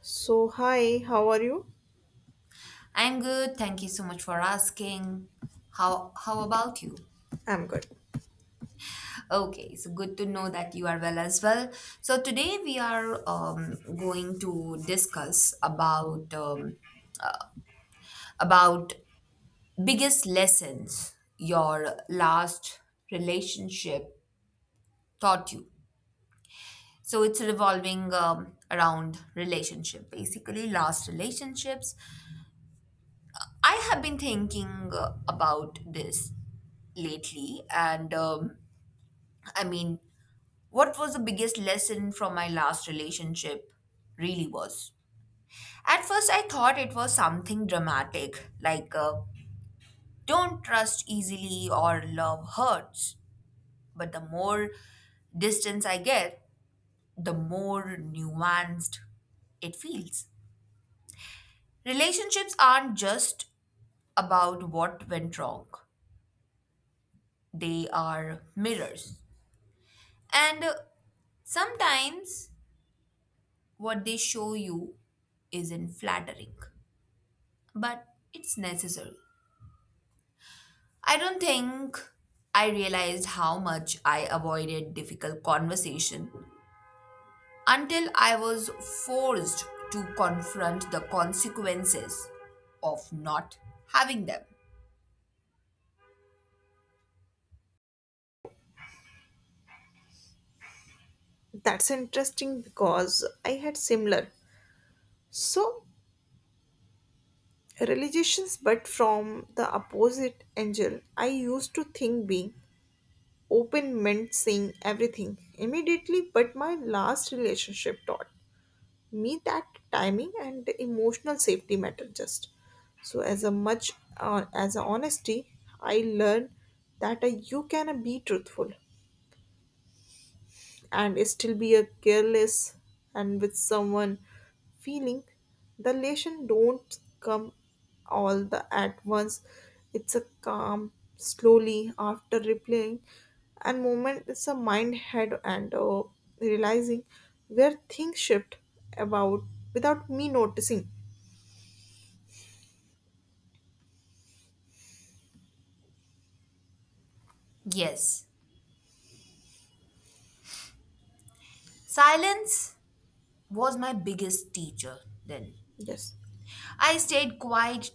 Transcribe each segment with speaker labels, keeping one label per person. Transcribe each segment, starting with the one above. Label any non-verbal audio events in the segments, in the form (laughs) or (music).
Speaker 1: So, hi, how are you?
Speaker 2: I'm good. Thank you so much for asking. How about you?
Speaker 1: I'm good.
Speaker 2: Okay, so good to know that you are well as well. So today we are going to discuss about about biggest lessons your last relationship taught you. So it's revolving around relationship, basically last relationships. I have been thinking about this lately and i mean what was the biggest lesson from my last relationship really was. At first, I thought it was something dramatic, like don't trust easily or love hurts. But the more distance I get, the more nuanced it feels. Relationships aren't just about what went wrong, they are mirrors. And sometimes what they show you isn't flattering, but it's necessary. I don't think I realized how much I avoided difficult conversation until I was forced to confront the consequences of not having them.
Speaker 1: That's interesting because I had similar. So, religions, but from the opposite angle. I used to think being open meant seeing everything immediately, but my last relationship taught me that timing and emotional safety matter just. So, as a much as a honesty, I learned that you can be truthful and still be a careless and with someone feeling the elation don't come all the at once, it's a calm slowly after replaying and moment it's a mind head and realizing where things shift about without me noticing.
Speaker 2: Yes, silence was my biggest teacher then.
Speaker 1: Yes.
Speaker 2: I stayed quiet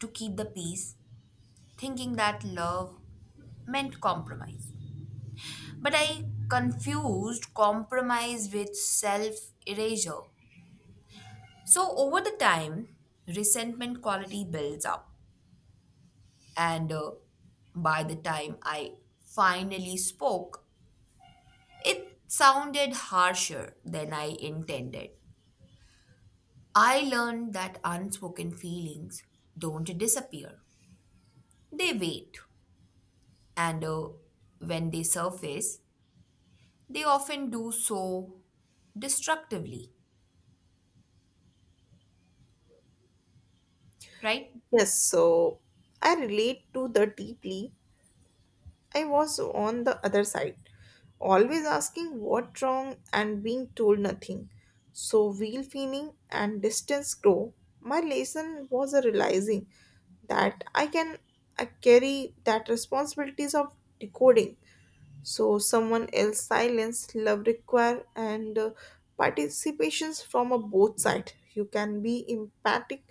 Speaker 2: to keep the peace, thinking that love meant compromise. But I confused compromise with self erasure. So, over the time, resentment quality builds up. And by the time I finally spoke, it sounded harsher than I intended. I learned that unspoken feelings don't disappear, they wait. And when they surface, they often do so destructively, right?
Speaker 1: Yes so i relate to the deeply. I was on the other side, always asking what wrong and being told nothing. So wheel feeling and distance grow. My lesson was a realizing that I carry that responsibilities of decoding. So someone else silence love require and participations from a both side. You can be empathic,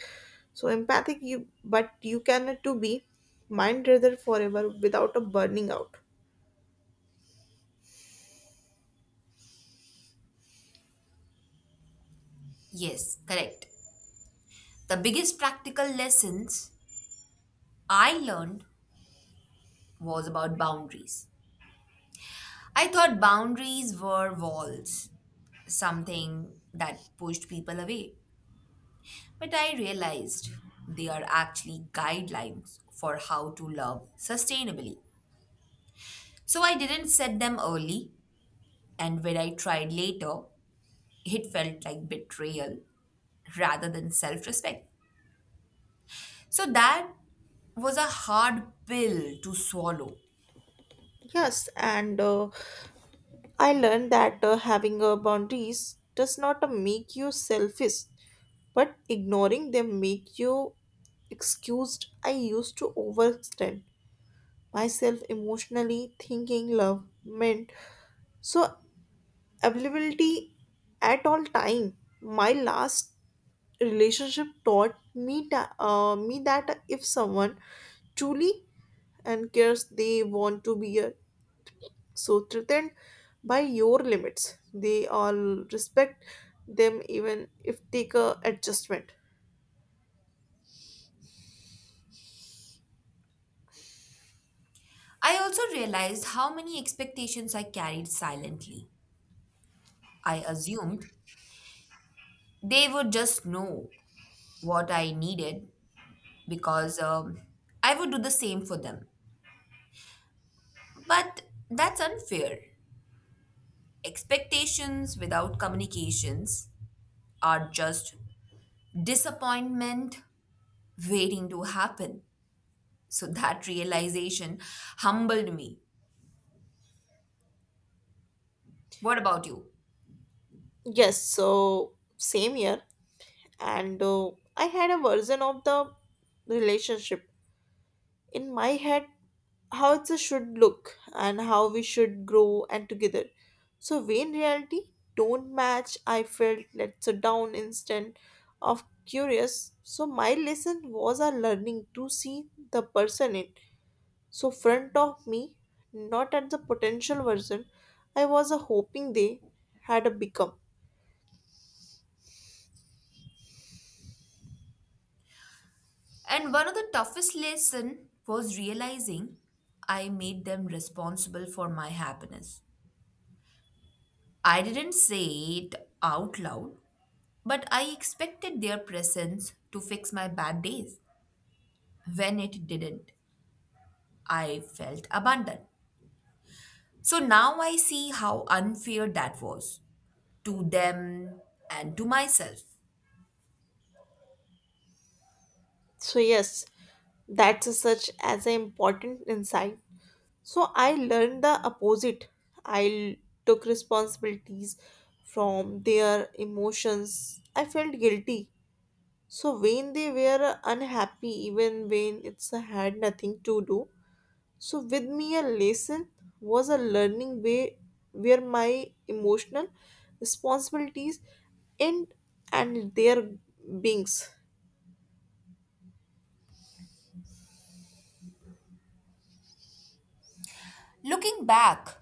Speaker 1: so empathic you but you cannot to be mind rather forever without a burning out.
Speaker 2: Yes, correct. The biggest practical lessons I learned was about boundaries. I thought boundaries were walls, something that pushed people away. But I realized they are actually guidelines for how to love sustainably. So I didn't set them early, and when I tried later, it felt like betrayal rather than self respect. So that was a hard pill to swallow.
Speaker 1: Yes, and I learned that having boundaries does not make you selfish, but ignoring them make you excused. I used to overextend myself emotionally, thinking love meant so availability at all time. My last relationship taught me that if someone truly and cares, they want to be here. So threatened by your limits they all respect them even if take a adjustment.
Speaker 2: I also realized how many expectations I carried silently. I assumed they would just know what I needed because I would do the same for them. But that's unfair. Expectations without communications are just disappointment waiting to happen. So (laughs) that realization humbled me. What about you?
Speaker 1: Yes, so same here, and I had a version of the relationship in my head how it should look and how we should grow and together, so we in reality don't match, I felt let us down instant of curious. So my lesson was a learning to see the person in front of me, not at the potential version I was hoping they had become.
Speaker 2: And one of the toughest lesson was realizing I made them responsible for my happiness. I didn't say it out loud, but I expected their presence to fix my bad days. When it didn't, I felt abandoned. So now I see how unfair that was to them and to myself.
Speaker 1: So yes, that's a such as an important insight. So I learned the opposite. I took responsibilities from their emotions. I felt guilty. So when they were unhappy, even when it's had nothing to do with me, a lesson was a learning way where my emotional responsibilities end and their beings.
Speaker 2: Looking back,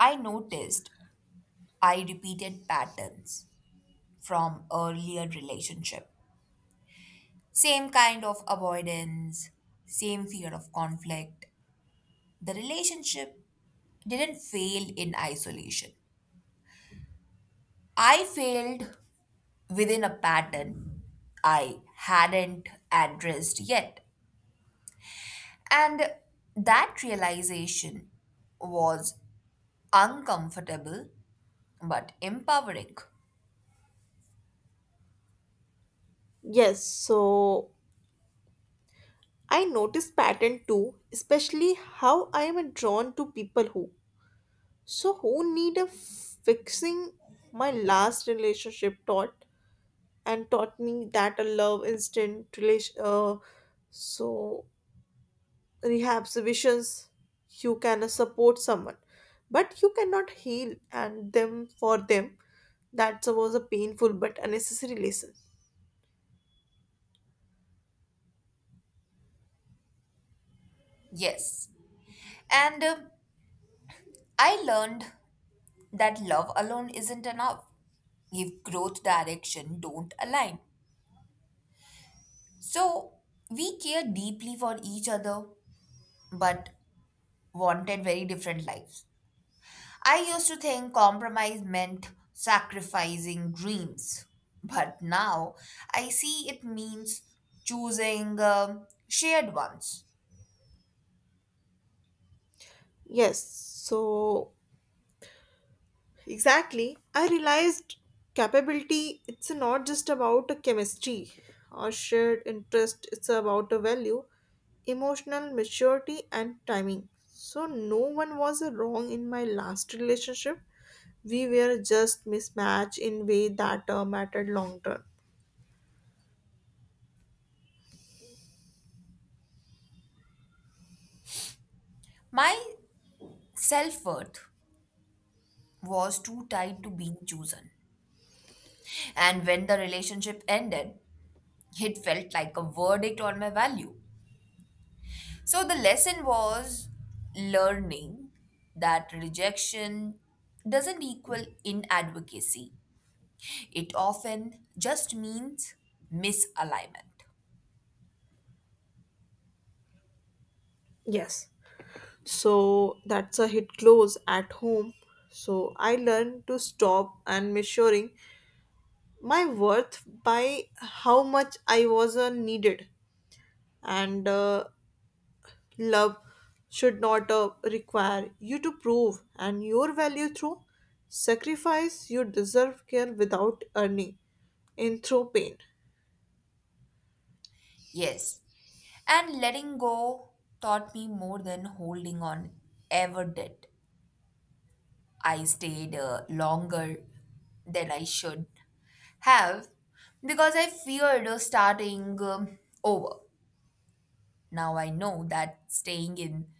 Speaker 2: I noticed I repeated patterns from earlier relationship. Same kind of avoidance, same fear of conflict. The relationship didn't fail in isolation. I failed within a pattern I hadn't addressed yet. And that realization was uncomfortable but empowering.
Speaker 1: Yes, so I notice pattern too, especially how I am drawn to people who. So who need a fixing, my last relationship taught me that a love instant relation so rehab sessions, you can support someone but you cannot heal and them for them. That was a painful but unnecessary lesson.
Speaker 2: Yes. And I learned that love alone isn't enough if growth direction don't align. So we care deeply for each other but wanted very different lives. I used to think compromise meant sacrificing dreams, but now I see it means choosing shared ones.
Speaker 1: yes so Exactly. I realized capability, it's not just about a chemistry or shared interest, it's about a value, emotional maturity, and timing. So, no one was wrong in my last relationship. We were just mismatched in way that mattered long term.
Speaker 2: My self worth was too tied to being chosen, and when the relationship ended, it felt like a verdict on my value. So the lesson was learning that rejection doesn't equal inadvocacy. It often just means misalignment.
Speaker 1: Yes. So that's a hit close at home. So I learned to stop and measuring my worth by how much I was needed, and love should not require you to prove and your value through sacrifice. You deserve care without earning in through pain.
Speaker 2: Yes, and letting go taught me more than holding on ever did. I stayed longer than I should have because I feared starting over. Now I know that staying in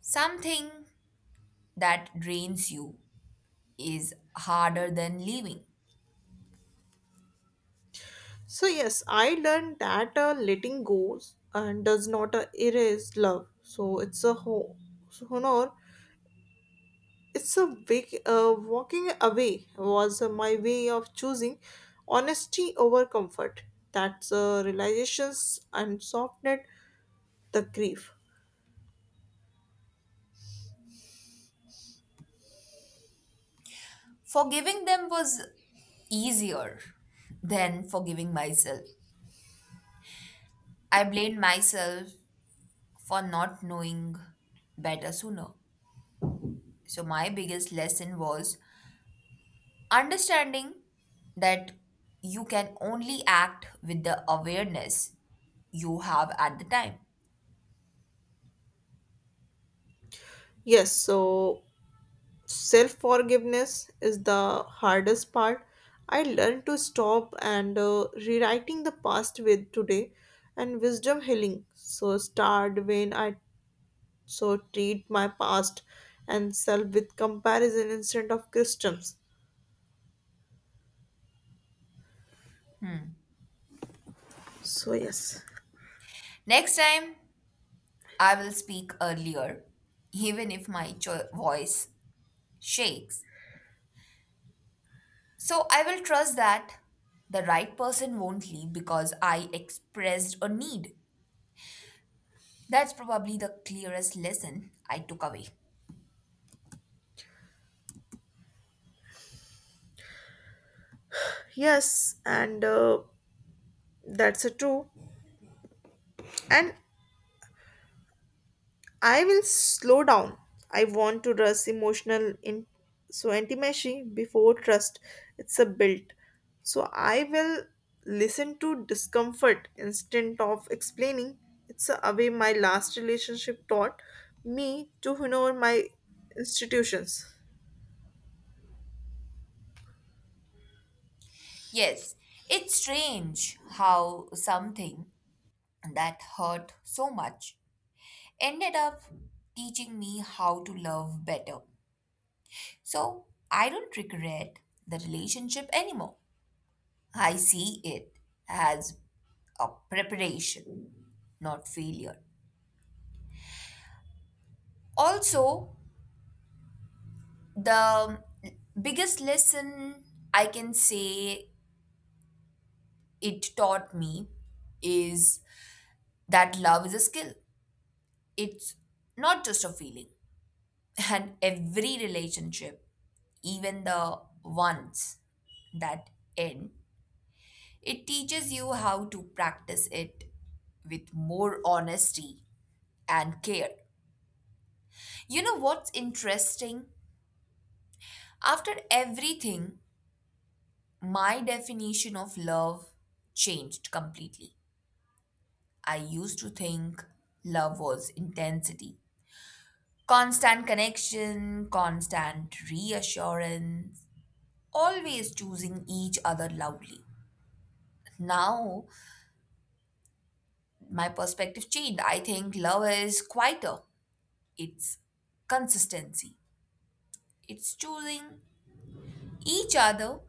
Speaker 2: something that drains you is harder than leaving.
Speaker 1: So yes, I learned that letting go and does not erase love. So honor it's a big Walking away was my way of choosing honesty over comfort. That's realizations and softened the grief.
Speaker 2: Forgiving them was easier than forgiving myself. I blamed myself for not knowing better sooner. So, my biggest lesson was understanding that you can only act with the awareness you have at the time.
Speaker 1: Yes, so self forgiveness is the hardest part. I learned to stop and rewriting the past with today and wisdom healing. So start when I so treat my past and self with comparison instead of customs. So yes.
Speaker 2: Next time, I will speak earlier, even if my voice shakes. So, I will trust that the right person won't leave because I expressed a need. That's probably the clearest lesson I took away.
Speaker 1: Yes, and that's a true. And I will slow down. I want to trust emotional in so intimacy before trust. It's a built. So I will listen to discomfort instead of explaining. It's a away my last relationship taught me to honor my institutions.
Speaker 2: Yes, it's strange how something that hurt so much ended up teaching me how to love better. So I don't regret the relationship anymore. I see it as a preparation, not failure. Also, the biggest lesson I can say it taught me is that love is a skill, it's not just a feeling. And every relationship, even the ones that end, it teaches you how to practice it with more honesty and care. You know what's interesting? After everything, my definition of love changed completely. I used to think love was intensity, constant connection, constant reassurance, always choosing each other loudly. Now, my perspective changed. I think love is quieter, it's consistency, it's choosing each other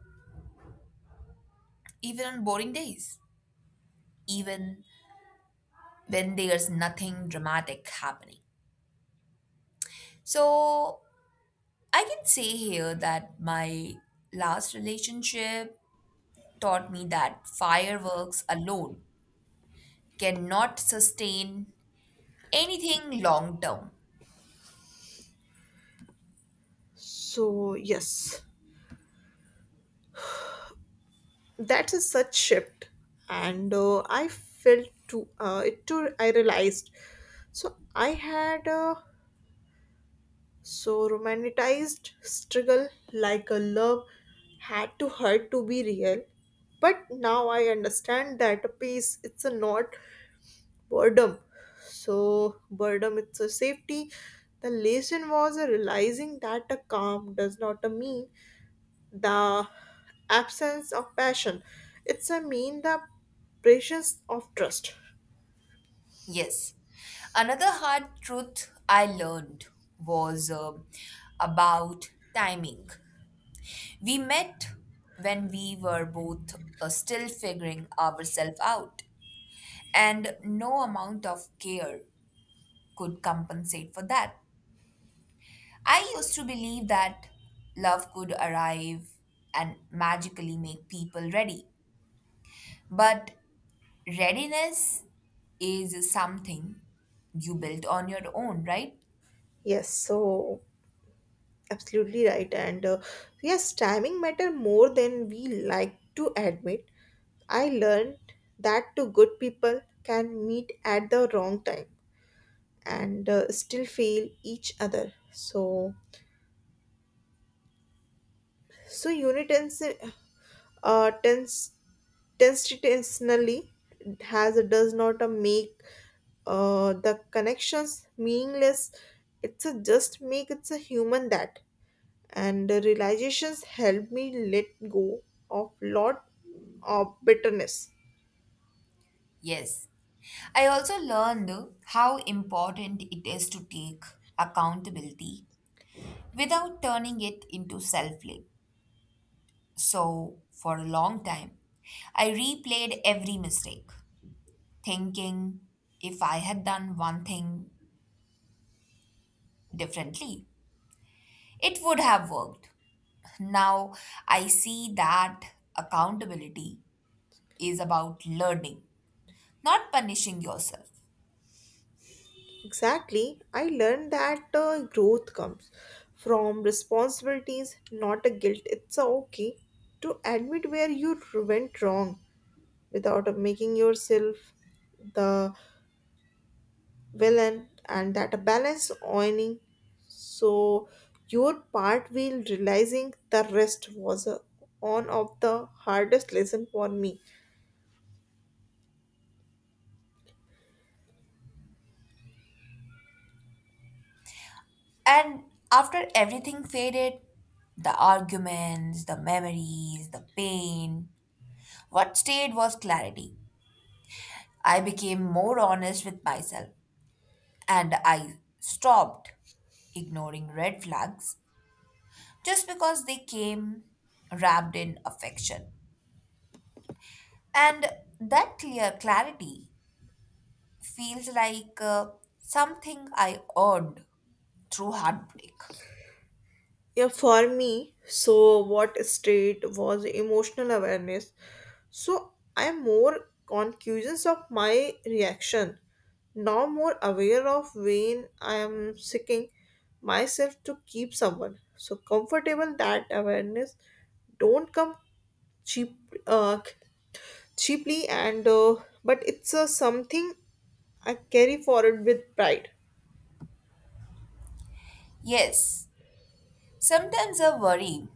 Speaker 2: even on boring days, even when there's nothing dramatic happening. So, I can say here that my last relationship taught me that fireworks alone cannot sustain anything long term.
Speaker 1: So yes, that's a such shift, and I felt to it too. I realized. So I had. Romanticized struggle like a love had to hurt to be real. But now I understand that a peace it's a not boredom. So boredom it's a safety. The lesson was a realizing that a calm does not a mean the absence of passion. It's a mean the presence of trust.
Speaker 2: Yes. Another hard truth I learned was about timing. We met when we were both still figuring ourselves out, and no amount of care could compensate for that. I used to believe that love could arrive and magically make people ready, but readiness is something you built on your own, right?
Speaker 1: Yes, so absolutely right. And yes, timing matter more than we like to admit. I learned that two good people can meet at the wrong time and still fail each other. So, so unitensi- uh, tens- tensationally has does not make the connections meaningless. It's a just make it's a human that. And the realizations helped me let go of lot of bitterness.
Speaker 2: Yes. I also learned how important it is to take accountability without turning it into self blame. So, for a long time, I replayed every mistake, thinking if I had done one thing differently, it would have worked. Now, I see that accountability is about learning, not punishing yourself.
Speaker 1: Exactly, I learned that growth comes from responsibilities not a guilt. It's a okay to admit where you went wrong without making yourself the villain, and that a balance owning so your part will realizing the rest was one of the hardest lesson for me.
Speaker 2: And after everything faded, the arguments, the memories, the pain, what stayed was clarity. I became more honest with myself and I stopped ignoring red flags just because they came wrapped in affection. And that clear clarity feels like something I earned through heartbreak.
Speaker 1: Yeah, for me, so what state was emotional awareness. So I'm more conscious of my reaction, now more aware of when I am seeking myself to keep someone. So comfortable that awareness don't come cheap, uh, cheaply, and but it's something I carry forward with pride.
Speaker 2: Yes, sometimes I worry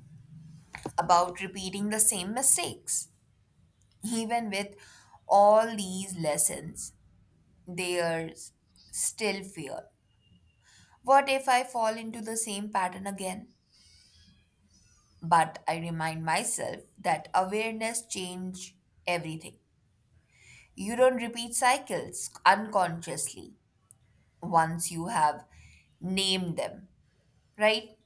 Speaker 2: about repeating the same mistakes. Even with all these lessons, there's still fear. What if I fall into the same pattern again? But I remind myself that awareness change everything. You don't repeat cycles unconsciously once you have named them, right?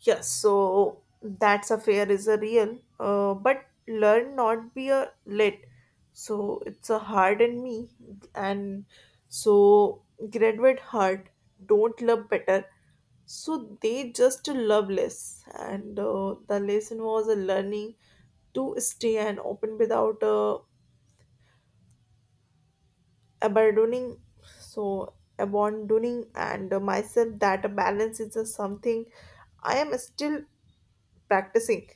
Speaker 1: Yes, so that's a fair is a real, but learn not be a lit. So it's a hard in me, and so graduate hard don't love better. So they just love less, and the lesson was a learning to stay and open without abandoning. So abandoning and myself that a balance is a something I am still practicing.